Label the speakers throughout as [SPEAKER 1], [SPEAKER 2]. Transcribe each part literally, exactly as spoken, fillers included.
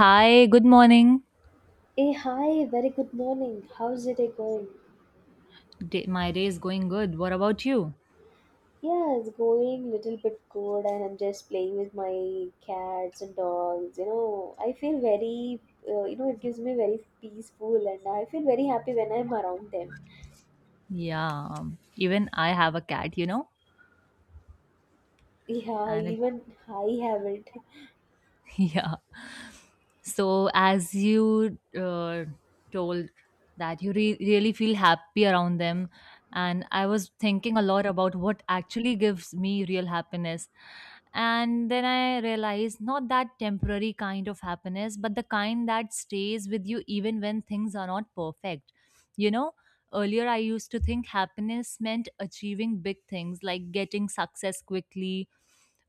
[SPEAKER 1] Hi, good morning.
[SPEAKER 2] Hey, hi, very good morning. How's your day going?
[SPEAKER 1] Day, my day is going good. What about you?
[SPEAKER 2] Yeah, it's going little bit good and I'm just playing with my cats and dogs. You know, I feel very, uh, you know, it gives me very peaceful and I feel very happy when I'm around them.
[SPEAKER 1] Yeah, um, even I have a cat, you know,
[SPEAKER 2] Yeah,
[SPEAKER 1] and it,
[SPEAKER 2] even I haven't.
[SPEAKER 1] yeah, So, as you uh, told that you re- really feel happy around them, and I was thinking a lot about what actually gives me real happiness. And then I realized not that temporary kind of happiness, but the kind that stays with you even when things are not perfect. You know, earlier I used to think happiness meant achieving big things like getting success quickly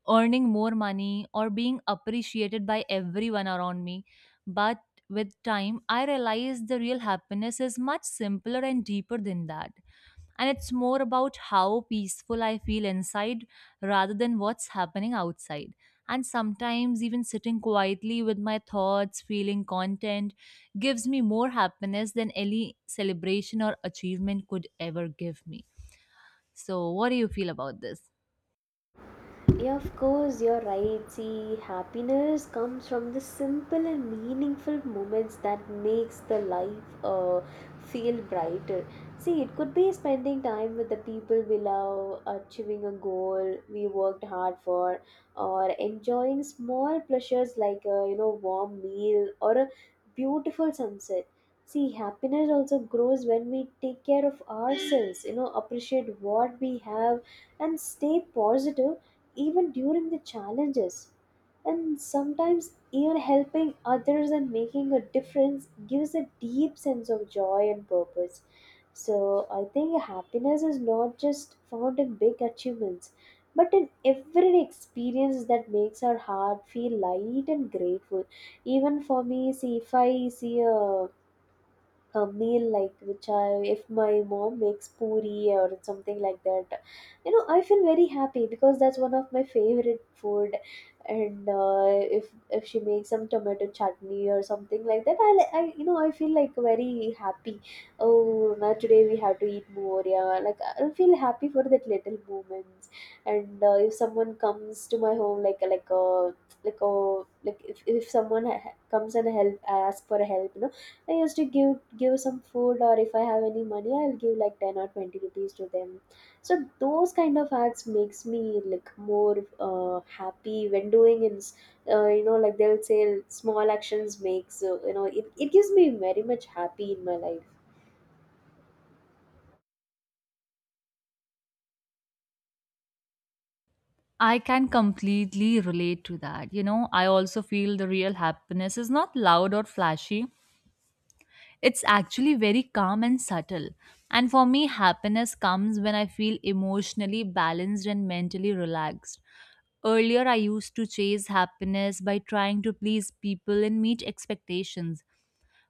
[SPEAKER 1] earning more money or being appreciated by everyone around me. But with time, I realized the real happiness is much simpler and deeper than that. And it's more about how peaceful I feel inside rather than what's happening outside. And sometimes, even sitting quietly with my thoughts, feeling content, gives me more happiness than any celebration or achievement could ever give me. So, what do you feel about this?
[SPEAKER 2] Yeah, of course, you're right. See, happiness comes from the simple and meaningful moments that makes the life uh, feel brighter. See, it could be spending time with the people we love, achieving a goal we worked hard for, or enjoying small pleasures like a you know warm meal or a beautiful sunset. See, happiness also grows when we take care of ourselves, you know, appreciate what we have and stay positive even during the challenges. And sometimes, even helping others and making a difference gives a deep sense of joy and purpose. So I think happiness is not just found in big achievements, but in every experience that makes our heart feel light and grateful. Even for me, see, if I see a a meal like which I if my mom makes puri or something like that, you know I feel very happy because that's one of my favorite food, and uh, if if she makes some tomato chutney or something like that, I li- I you know I feel like very happy. Oh, now today we have to eat more. Yeah, like I feel happy for that little moments. And uh, if someone comes to my home, like like a like a like if if someone ha- comes and help, I ask for help, you know I used to give give some food or if I have any money I'll give like ten or twenty rupees to them. So those kind of acts makes me like more uh, happy when doing in s- uh, you know like they'll say small actions makes uh, you know it, it gives me very much happy in my life.
[SPEAKER 1] I can completely relate to that. You know, I also feel the real happiness is not loud or flashy. It's actually very calm and subtle. And for me, happiness comes when I feel emotionally balanced and mentally relaxed. Earlier, I used to chase happiness by trying to please people and meet expectations,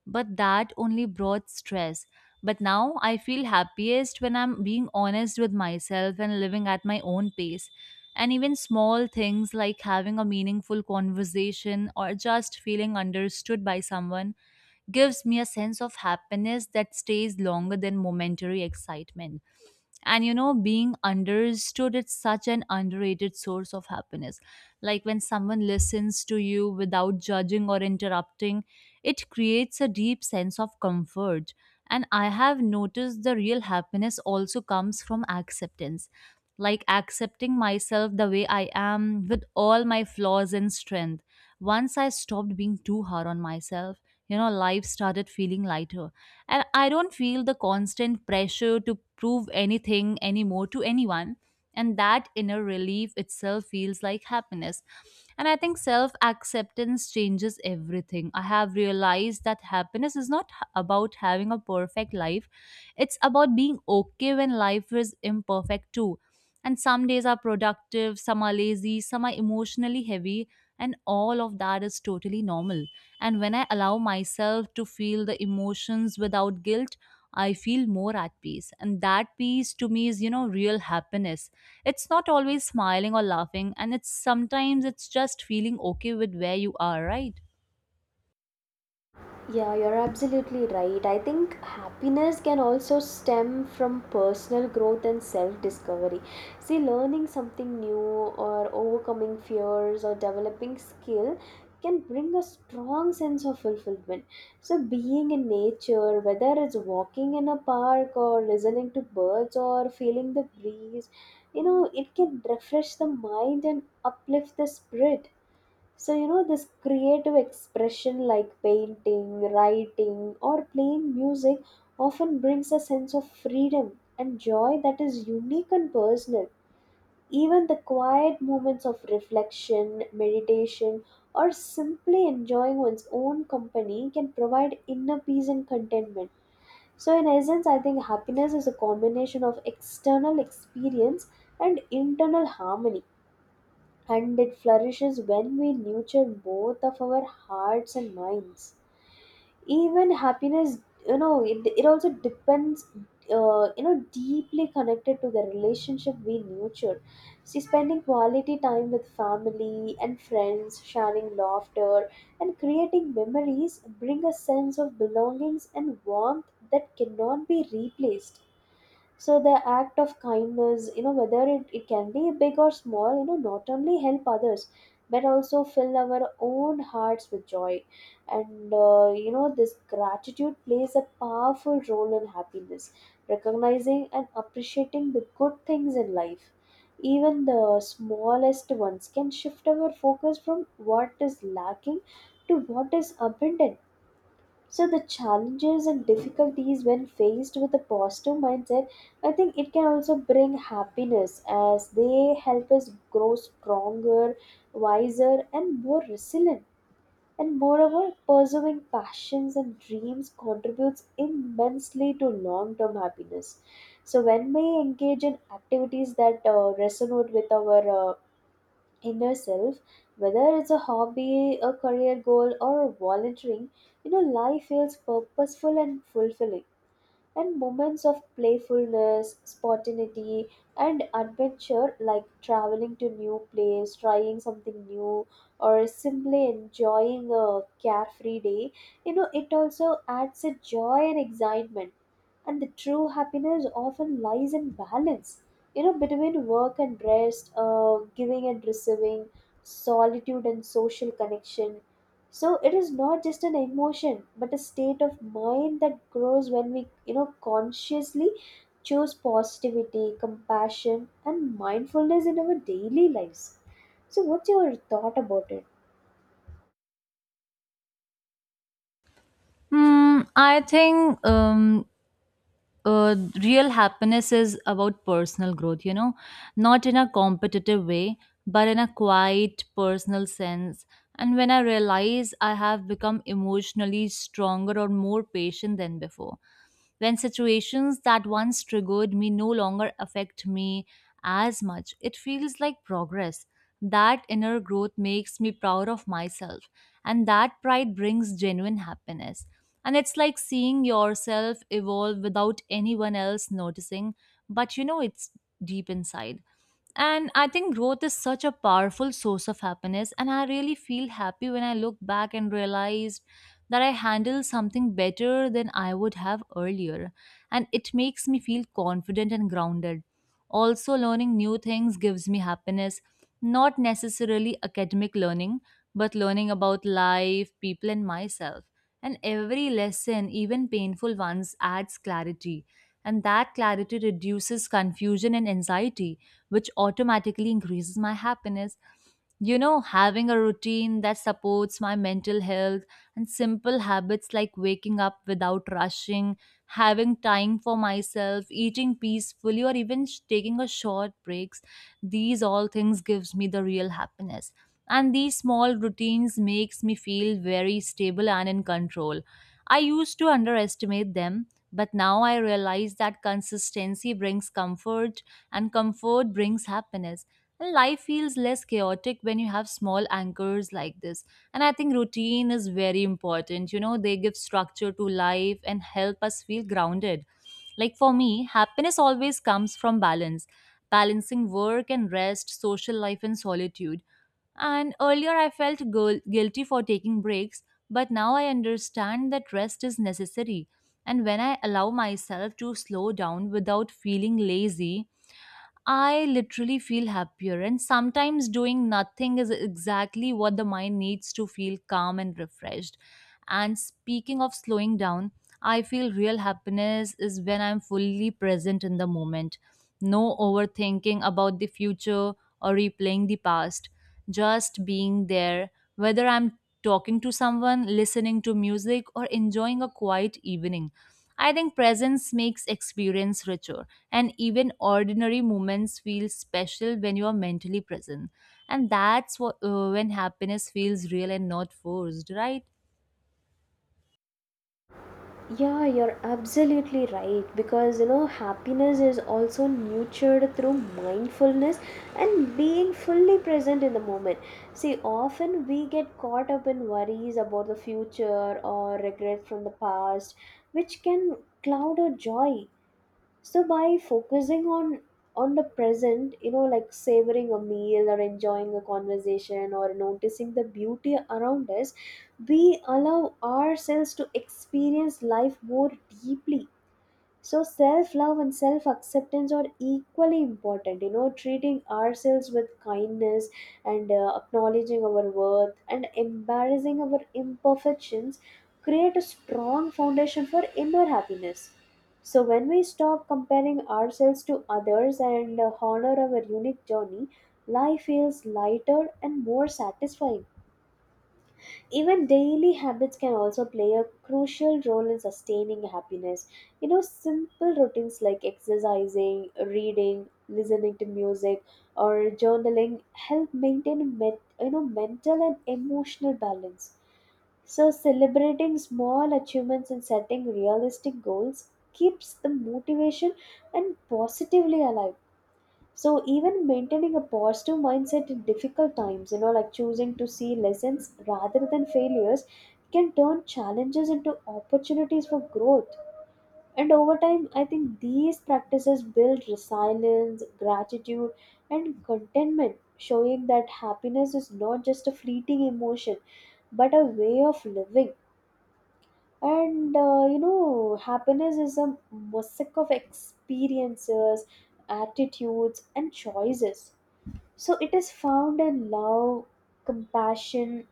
[SPEAKER 1] but that only brought stress. But now I feel happiest when I'm being honest with myself and living at my own pace. And even small things like having a meaningful conversation or just feeling understood by someone gives me a sense of happiness that stays longer than momentary excitement. And you know, being understood, it's such an underrated source of happiness. Like when someone listens to you without judging or interrupting, it creates a deep sense of comfort. And I have noticed the real happiness also comes from acceptance, like accepting myself the way I am with all my flaws and strength. Once I stopped being too hard on myself, you know, life started feeling lighter, and I don't feel the constant pressure to prove anything anymore to anyone. And that inner relief itself feels like happiness. And I think self acceptance changes everything. I have realized that happiness is not h- about having a perfect life, it's about being okay when life is imperfect too. And some days are productive, some are lazy, some are emotionally heavy, and all of that is totally normal. And when I allow myself to feel the emotions without guilt, I feel more at peace. And that peace to me is, you know, real happiness. It's not always smiling or laughing, and it's sometimes it's just feeling okay with where you are, right?
[SPEAKER 2] Yeah, you're absolutely right. I think happiness can also stem from personal growth and self discovery. See, learning something new or overcoming fears or developing skill can bring a strong sense of fulfillment. So, being in nature, whether it's walking in a park or listening to birds or feeling the breeze, you know, it can refresh the mind and uplift the spirit. So, you know, this creative expression like painting, writing, or playing music often brings a sense of freedom and joy that is unique and personal. Even the quiet moments of reflection, meditation, or simply enjoying one's own company can provide inner peace and contentment. So in essence, I think happiness is a combination of external experience and internal harmony, and it flourishes when we nurture both of our hearts and minds. Even happiness, you know, it, it also depends, uh, you know, deeply connected to the relationship we nurture. See, spending quality time with family and friends, sharing laughter and creating memories bring a sense of belongings and warmth that cannot be replaced. So the act of kindness, you know, whether it, it can be big or small, you know, not only help others but also fill our own hearts with joy. And uh, you know, this gratitude plays a powerful role in happiness, recognizing and appreciating the good things in life. Even the smallest ones can shift our focus from what is lacking to what is abundant. So the challenges and difficulties when faced with a positive mindset, I think it can also bring happiness as they help us grow stronger, wiser, and more resilient. And moreover, pursuing passions and dreams contributes immensely to long-term happiness. So when we engage in activities that uh, resonate with our uh, inner self, whether it's a hobby, a career goal, or volunteering, you know, life feels purposeful and fulfilling. And moments of playfulness, spontaneity, and adventure like traveling to new place, trying something new, or simply enjoying a carefree day, you know, it also adds a joy and excitement. And the true happiness often lies in balance, you know, between work and rest, uh, giving and receiving, solitude and social connection. So it is not just an emotion but a state of mind that grows when we you know consciously choose positivity, compassion, and mindfulness in our daily lives. So what's your thought about it?
[SPEAKER 1] Hmm, I think um, uh, real happiness is about personal growth, you know, not in a competitive way, but in a quiet personal sense. And when I realize I have become emotionally stronger or more patient than before, when situations that once triggered me no longer affect me as much, it feels like progress. That inner growth makes me proud of myself, and that pride brings genuine happiness. And it's like seeing yourself evolve without anyone else noticing, but you know it's deep inside. And I think growth is such a powerful source of happiness. And I really feel happy when I look back and realize that I handled something better than I would have earlier. And it makes me feel confident and grounded. Also, learning new things gives me happiness, not necessarily academic learning, but learning about life, people, and myself. And every lesson, even painful ones, adds clarity. And that clarity reduces confusion and anxiety which automatically increases my happiness. You know, having a routine that supports my mental health and simple habits like waking up without rushing, having time for myself, eating peacefully, or even sh- taking a short breaks, these all things gives me the real happiness. And these small routines makes me feel very stable and in control. I used to underestimate them, but now I realize that consistency brings comfort and comfort brings happiness. And life feels less chaotic when you have small anchors like this. And I think routine is very important. You know, they give structure to life and help us feel grounded. Like for me, happiness always comes from balance, balancing work and rest, social life and solitude. And earlier I felt guil- guilty for taking breaks, but now I understand that rest is necessary. And when I allow myself to slow down without feeling lazy, I literally feel happier, and sometimes doing nothing is exactly what the mind needs to feel calm and refreshed. And speaking of slowing down, I feel real happiness is when I'm fully present in the moment, no overthinking about the future or replaying the past. Just being there, whether I'm talking to someone, listening to music, or enjoying a quiet evening. I think presence makes experience richer, and even ordinary moments feel special when you are mentally present. And that's what, uh, when happiness feels real and not forced, right?
[SPEAKER 2] Yeah, you're absolutely right, because you know happiness is also nurtured through mindfulness and being fully present in the moment. See, often we get caught up in worries about the future or regret from the past, which can cloud our joy. So by focusing on on the present, you know, like savoring a meal or enjoying a conversation or noticing the beauty around us, we allow ourselves to experience life more deeply. So, self love and self acceptance are equally important. You know, treating ourselves with kindness and uh, acknowledging our worth and embarrassing our imperfections create a strong foundation for inner happiness. So when we stop comparing ourselves to others and uh, honor our unique journey, life feels lighter and more satisfying. Even daily habits can also play a crucial role in sustaining happiness. You know, simple routines like exercising, reading, listening to music, or journaling help maintain met- you know mental and emotional balance. So celebrating small achievements and setting realistic goals keeps the motivation and positively alive. So even maintaining a positive mindset in difficult times, you know, like choosing to see lessons rather than failures can turn challenges into opportunities for growth. And over time, I think these practices build resilience, gratitude, and contentment, showing that happiness is not just a fleeting emotion, but a way of living. And uh, you know, happiness is a mosaic of experiences, attitudes, and choices. So it is found in love, compassion,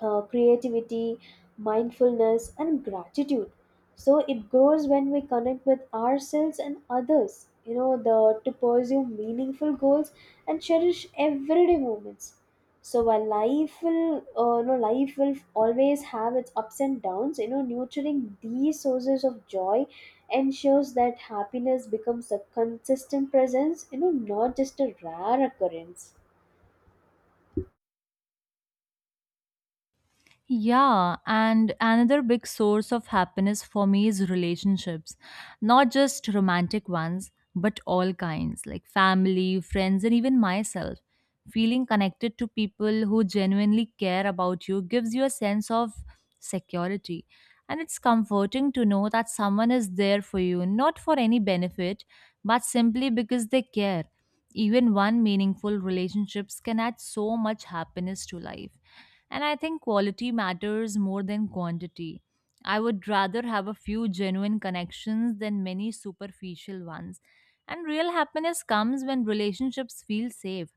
[SPEAKER 2] uh, creativity, mindfulness, and gratitude. So it grows when we connect with ourselves and others. You know, the to pursue meaningful goals and cherish everyday moments. So while life will, uh, you know, life will always have its ups and downs. You know, nurturing these sources of joy ensures that happiness becomes a consistent presence. You know, not just a rare occurrence.
[SPEAKER 1] Yeah, and another big source of happiness for me is relationships. Not just romantic ones, but all kinds, like family, friends, and even myself. Feeling connected to people who genuinely care about you gives you a sense of security. And it's comforting to know that someone is there for you, not for any benefit, but simply because they care. Even one meaningful relationships can add so much happiness to life. And I think quality matters more than quantity. I would rather have a few genuine connections than many superficial ones. And real happiness comes when relationships feel safe,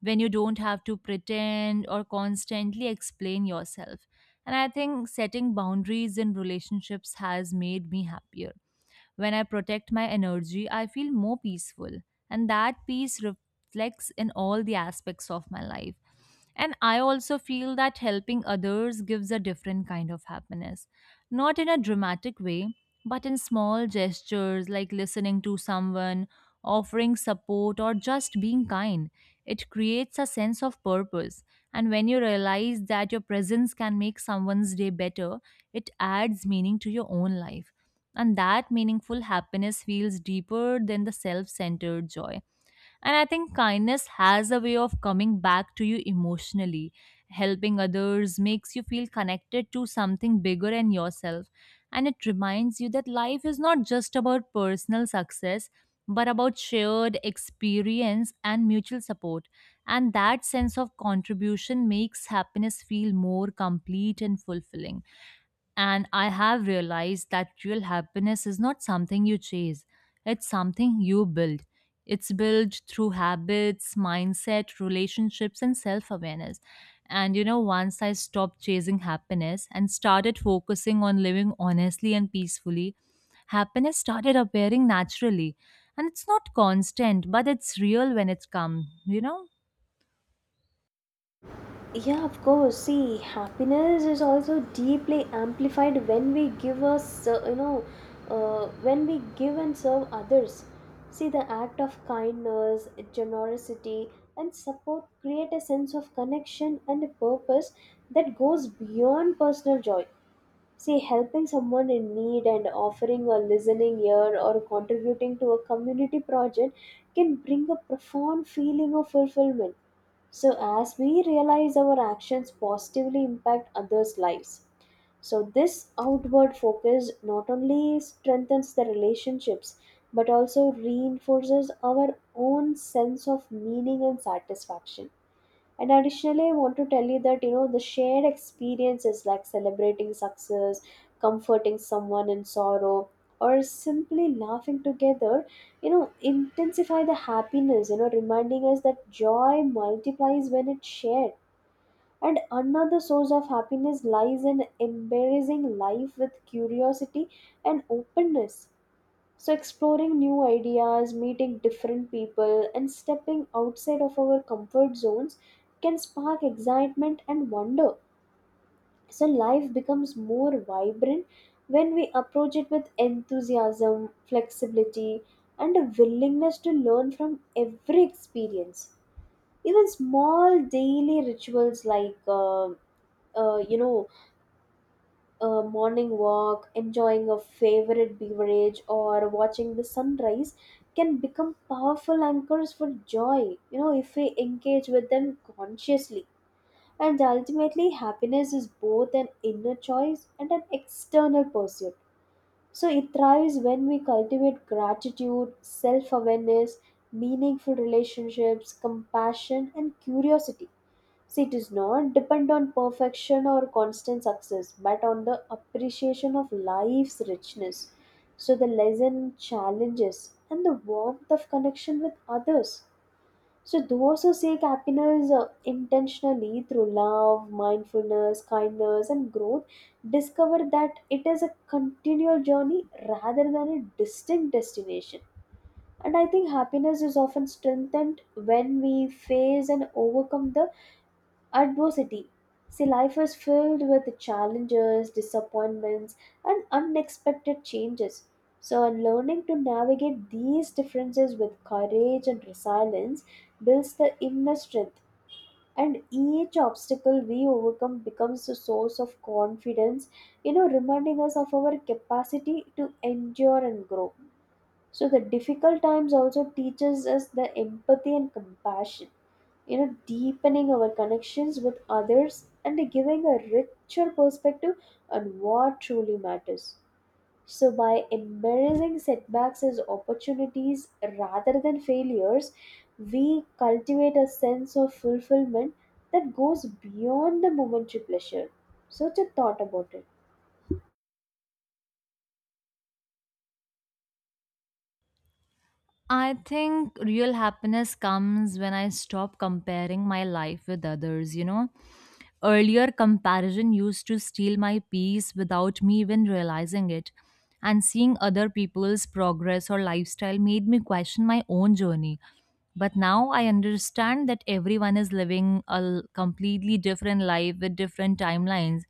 [SPEAKER 1] when you don't have to pretend or constantly explain yourself. And I think setting boundaries in relationships has made me happier. When I protect my energy, I feel more peaceful, and that peace reflects in all the aspects of my life. And I also feel that helping others gives a different kind of happiness, not in a dramatic way, but in small gestures like listening to someone, offering support, or just being kind. It creates a sense of purpose. And when you realize that your presence can make someone's day better, it adds meaning to your own life, and that meaningful happiness feels deeper than the self centered joy. And I think kindness has a way of coming back to you emotionally. Helping others makes you feel connected to something bigger than yourself, and it reminds you that life is not just about personal success. But about shared experience and mutual support. And that sense of contribution makes happiness feel more complete and fulfilling. And I have realized that real happiness is not something you chase, it's something you build. It's built through habits, mindset, relationships, and self awareness. And you know, once I stopped chasing happiness and started focusing on living honestly and peacefully, happiness started appearing naturally. And it's not constant, but it's real when it comes, you know?
[SPEAKER 2] Yeah, of course. See, happiness is also deeply amplified when we give us, uh, you know, uh, when we give and serve others. See, the act of kindness, generosity, and support create a sense of connection and a purpose that goes beyond personal joy. See, helping someone in need and offering a listening ear or contributing to a community project can bring a profound feeling of fulfillment. So as we realize our actions positively impact others' lives. So this outward focus not only strengthens the relationships but also reinforces our own sense of meaning and satisfaction. And additionally, I want to tell you that you know the shared experiences like celebrating success, comforting someone in sorrow, or simply laughing together, you know, intensify the happiness, you know, reminding us that joy multiplies when it's shared. And another source of happiness lies in embracing life with curiosity and openness. So, exploring new ideas, meeting different people, and stepping outside of our comfort zones can spark excitement and wonder. So life becomes more vibrant when we approach it with enthusiasm, flexibility, and a willingness to learn from every experience. Even small daily rituals like, uh, uh, you know, a morning walk, enjoying a favorite beverage, or watching the sunrise can become powerful anchors for joy, you know, if we engage with them consciously. And ultimately, happiness is both an inner choice and an external pursuit. So it thrives when we cultivate gratitude, self awareness, meaningful relationships, compassion, and curiosity. See, it does not depend on perfection or constant success, but on the appreciation of life's richness. So, the lesson, challenges, and the warmth of connection with others. So those who seek happiness uh, intentionally through love, mindfulness, kindness, and growth discover that it is a continual journey rather than a distinct destination. And I think happiness is often strengthened when we face and overcome the adversity. See, life is filled with challenges, disappointments, and unexpected changes. So, and learning to navigate these differences with courage and resilience builds the inner strength. And each obstacle we overcome becomes a source of confidence, you know, reminding us of our capacity to endure and grow. So the difficult times also teaches us the empathy and compassion, you know, deepening our connections with others and giving a richer perspective on what truly matters. So by embracing setbacks as opportunities rather than failures, we cultivate a sense of fulfillment that goes beyond the momentary pleasure. So just thought about it.
[SPEAKER 1] I think real happiness comes when I stop comparing my life with others, you know? Earlier, comparison used to steal my peace without me even realizing it. And seeing other people's progress or lifestyle made me question my own journey. But now I understand that everyone is living a l- completely different life with different timelines.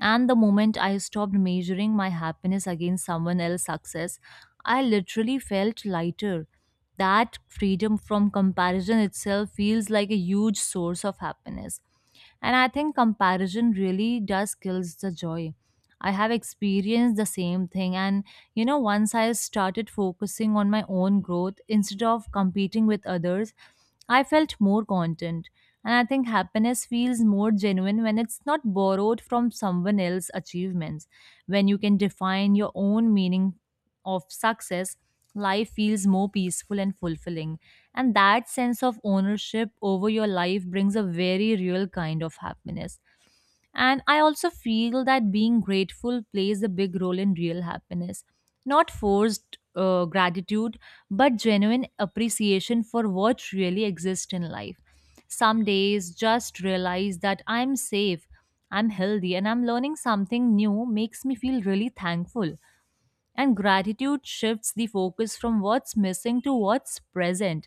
[SPEAKER 1] And the moment I stopped measuring my happiness against someone else's success, I literally felt lighter. That freedom from comparison itself feels like a huge source of happiness. And I think comparison really does kills the joy. I have experienced the same thing. And, you know, once I started focusing on my own growth instead of competing with others, I felt more content. And I think happiness feels more genuine when it's not borrowed from someone else's achievements. When you can define your own meaning of success, life feels more peaceful and fulfilling. And that sense of ownership over your life brings a very real kind of happiness. And I also feel that being grateful plays a big role in real happiness. Not forced uh, gratitude, but genuine appreciation for what really exists in life. Some days, just realize that I'm safe, I'm healthy, and I'm learning something new makes me feel really thankful. And gratitude shifts the focus from what's missing to what's present.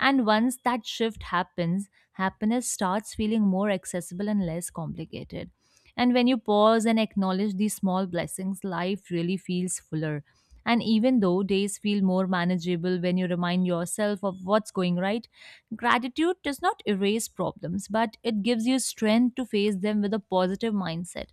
[SPEAKER 1] And once that shift happens, happiness starts feeling more accessible and less complicated. And when you pause and acknowledge these small blessings, life really feels fuller. And even though days feel more manageable when you remind yourself of what's going right, gratitude does not erase problems, but it gives you strength to face them with a positive mindset.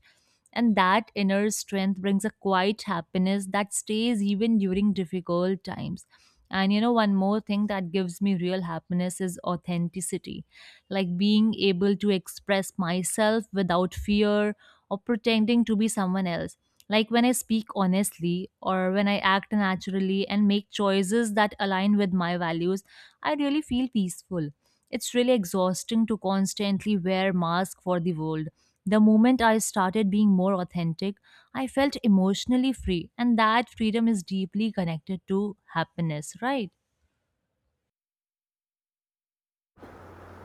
[SPEAKER 1] And that inner strength brings a quiet happiness that stays even during difficult times. And you know, one more thing that gives me real happiness is authenticity, like being able to express myself without fear or pretending to be someone else. Like when I speak honestly or when I act naturally and make choices that align with my values, I really feel peaceful. It's really exhausting to constantly wear mask for the world the moment I started being more authentic, I felt emotionally free, and that freedom is deeply connected to happiness, right?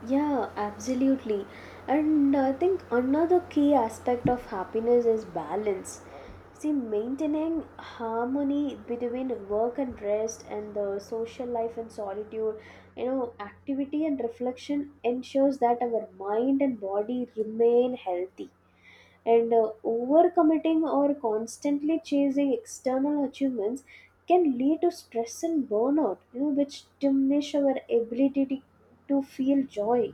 [SPEAKER 2] Yeah, absolutely. And I think another key aspect of happiness is balance. See, maintaining harmony between work and rest and the social life and solitude, you know, activity and reflection ensures that our mind and body remain healthy. And uh, Overcommitting or constantly chasing external achievements can lead to stress and burnout, you know, which diminish our ability to to feel joy.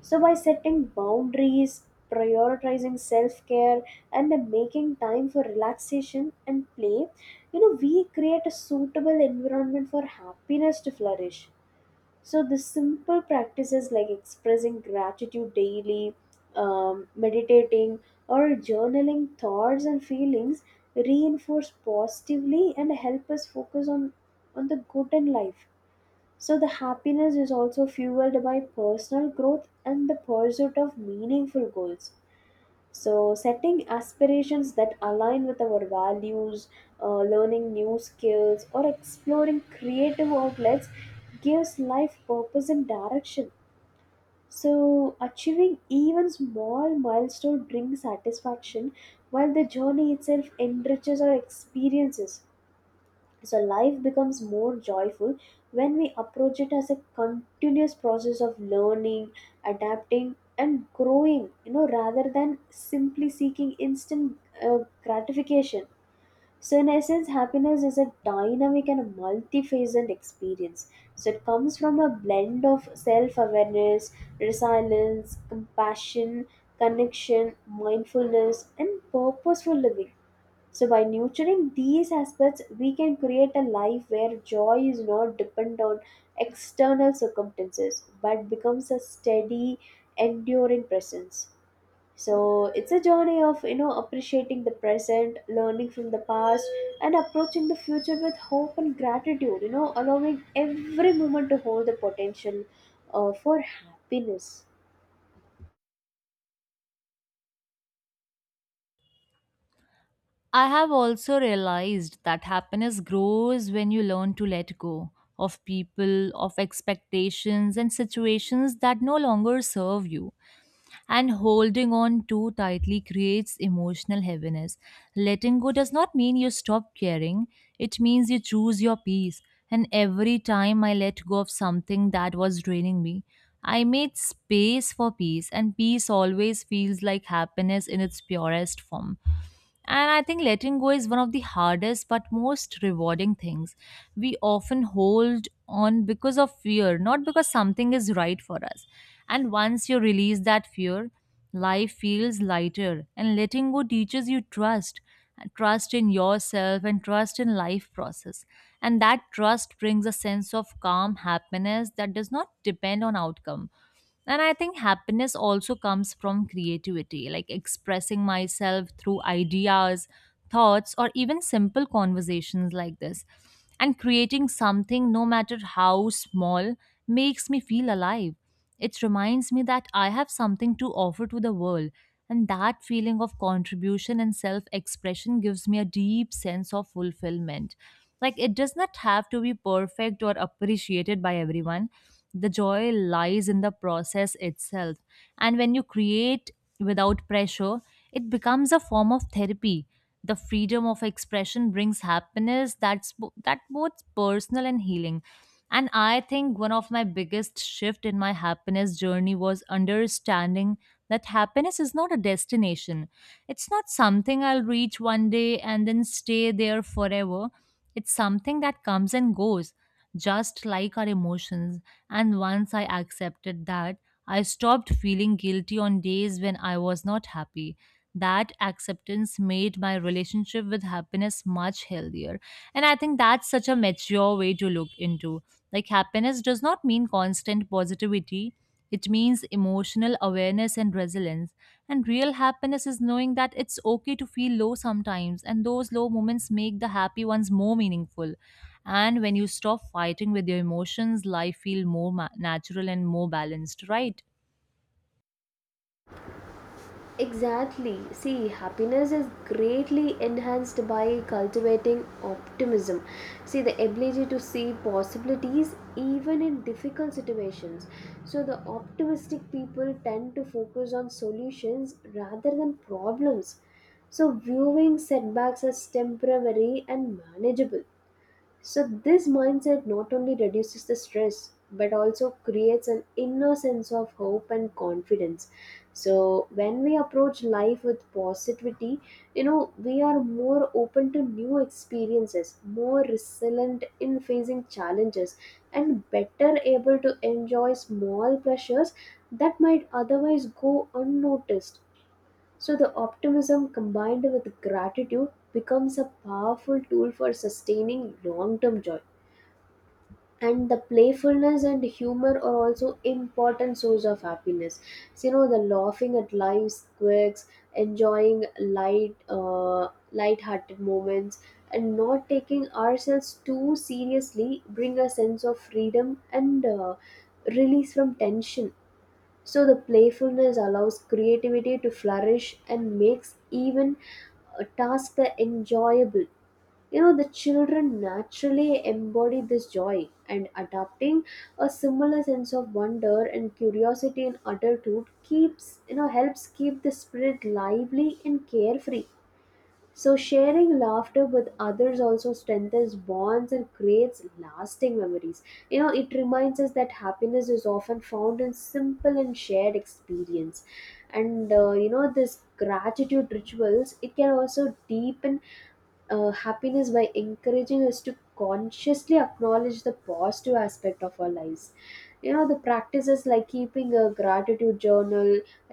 [SPEAKER 2] So, by setting boundaries, prioritizing self care, and then making time for relaxation and play, you know, we create a suitable environment for happiness to flourish. So, the simple practices like expressing gratitude daily, um, meditating, or journaling thoughts and feelings reinforce positively and help us focus on, on the good in life, so the happiness is also fueled by personal growth and the pursuit of meaningful goals. So, setting aspirations that align with our values, uh, learning new skills, or exploring creative outlets gives life purpose and direction. So, achieving even small milestone brings satisfaction while the journey itself enriches our experiences. So life becomes more joyful when we approach it as a continuous process of learning, adapting, and growing, you know, rather than simply seeking instant uh, gratification. So, in essence, happiness is a dynamic and a multifaceted experience. So, it comes from a blend of self awareness, resilience, compassion, connection, mindfulness, and purposeful living, so by nurturing these aspects, we can create a life where joy is not dependent on external circumstances but becomes a steady, enduring presence. So, it's a journey of, you know, appreciating the present, learning from the past, and approaching the future with hope and gratitude. You know, allowing every moment to hold the potential uh, for happiness.
[SPEAKER 1] I have also realized that happiness grows when you learn to let go of people, of expectations, and situations that no longer serve you. And holding on too tightly creates emotional heaviness. Letting go does not mean you stop caring, it means you choose your peace. And every time I let go of something that was draining me, I made space for peace, and peace always feels like happiness in its purest form. And I think letting go is one of the hardest but most rewarding things. We often hold on because of fear, not because something is right for us. And once you release that fear, life feels lighter. And letting go teaches you trust, trust in yourself and trust in life process, and that trust brings a sense of calm happiness that does not depend on outcome. And I think happiness also comes from creativity, like expressing myself through ideas, thoughts, or even simple conversations like this. And creating something, no matter how small, makes me feel alive. It reminds me that I have something to offer to the world, and that feeling of contribution and self expression gives me a deep sense of fulfillment. Like, it does not have to be perfect or appreciated by everyone. The joy lies in the process itself. And when you create without pressure, it becomes a form of therapy. The freedom of expression brings happiness that's bo- that both personal and healing. And I think one of my biggest shift in my happiness journey was understanding that happiness is not a destination. It's not something I'll reach one day and then stay there forever. It's something that comes and goes, just like our emotions. And once I accepted that, I stopped feeling guilty on days when I was not happy. That acceptance made my relationship with happiness much healthier. And I think that's such a mature way to look into. Like, happiness does not mean constant positivity, it means emotional awareness and resilience. And real happiness is knowing that it's okay to feel low sometimes, and those low moments make the happy ones more meaningful. And when you stop fighting with your emotions, life feel more ma- natural and more balanced, right?
[SPEAKER 2] Exactly. See, happiness is greatly enhanced by cultivating optimism. See, the ability to see possibilities even in difficult situations. So, the optimistic people tend to focus on solutions rather than problems. So, viewing setbacks as temporary and manageable. So, this mindset not only reduces the stress but also creates an inner sense of hope and confidence. So, when we approach life with positivity, you know, we are more open to new experiences, more resilient in facing challenges, and better able to enjoy small pleasures that might otherwise go unnoticed. So the optimism combined with gratitude becomes a powerful tool for sustaining long-term joy. And the playfulness and humor are also important source of happiness. So, you know, the laughing at life's quirks, enjoying light, uh, light-hearted moments, and not taking ourselves too seriously bring a sense of freedom and uh, release from tension, so the playfulness allows creativity to flourish and makes even a task enjoyable. You know, the children naturally embody this joy and adopting a similar sense of wonder and curiosity in adulthood keeps, you know, helps keep the spirit lively and carefree. So, sharing laughter with others also strengthens bonds and creates lasting memories. You know, it reminds us that happiness is often found in simple and shared experience. And, uh, you know, this gratitude rituals, it can also deepen uh, happiness by encouraging us to consciously acknowledge the positive aspect of our lives, you know, the practices like keeping a gratitude journal,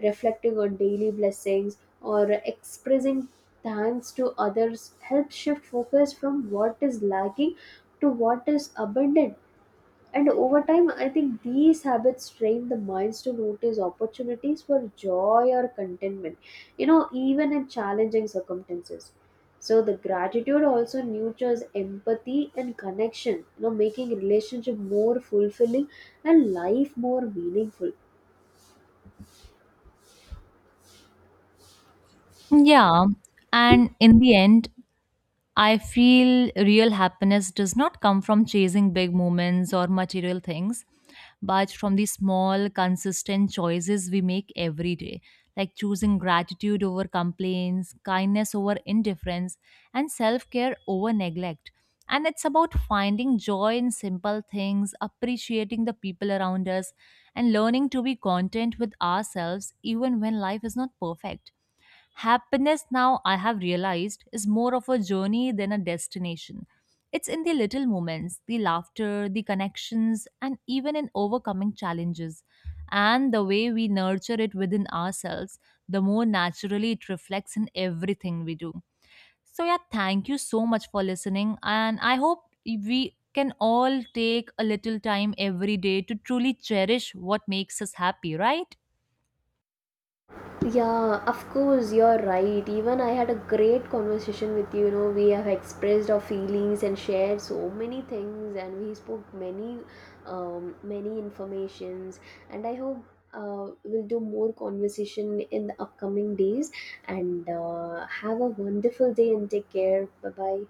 [SPEAKER 2] reflecting on daily blessings or expressing thanks to others help shift focus from what is lacking to what is abundant, and over time, I think these habits train the minds to notice opportunities for joy or contentment, you know, even in challenging circumstances. So the gratitude also nurtures empathy and connection, you know, making relationship more fulfilling and life more meaningful.
[SPEAKER 1] Yeah. And in the end, I feel real happiness does not come from chasing big moments or material things, but from the small, consistent choices we make every day, like choosing gratitude over complaints, kindness over indifference, and self care over neglect. And it's about finding joy in simple things, appreciating the people around us, and learning to be content with ourselves even when life is not perfect. Happiness, now I have realized, is more of a journey than a destination. It's in the little moments, the laughter, the connections, and even in overcoming challenges. And the way we nurture it within ourselves, the more naturally it reflects in everything we do. So, yeah, thank you so much for listening. And I hope we can all take a little time every day to truly cherish what makes us happy, right?
[SPEAKER 2] Yeah, of course, you're right. Even I had a great conversation with you. You know, we have expressed our feelings and shared so many things, and we spoke many, um, many informations. And I hope uh, we'll do more conversation in the upcoming days. And uh, have a wonderful day and take care. Bye bye.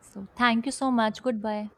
[SPEAKER 1] So, thank you so much. Goodbye.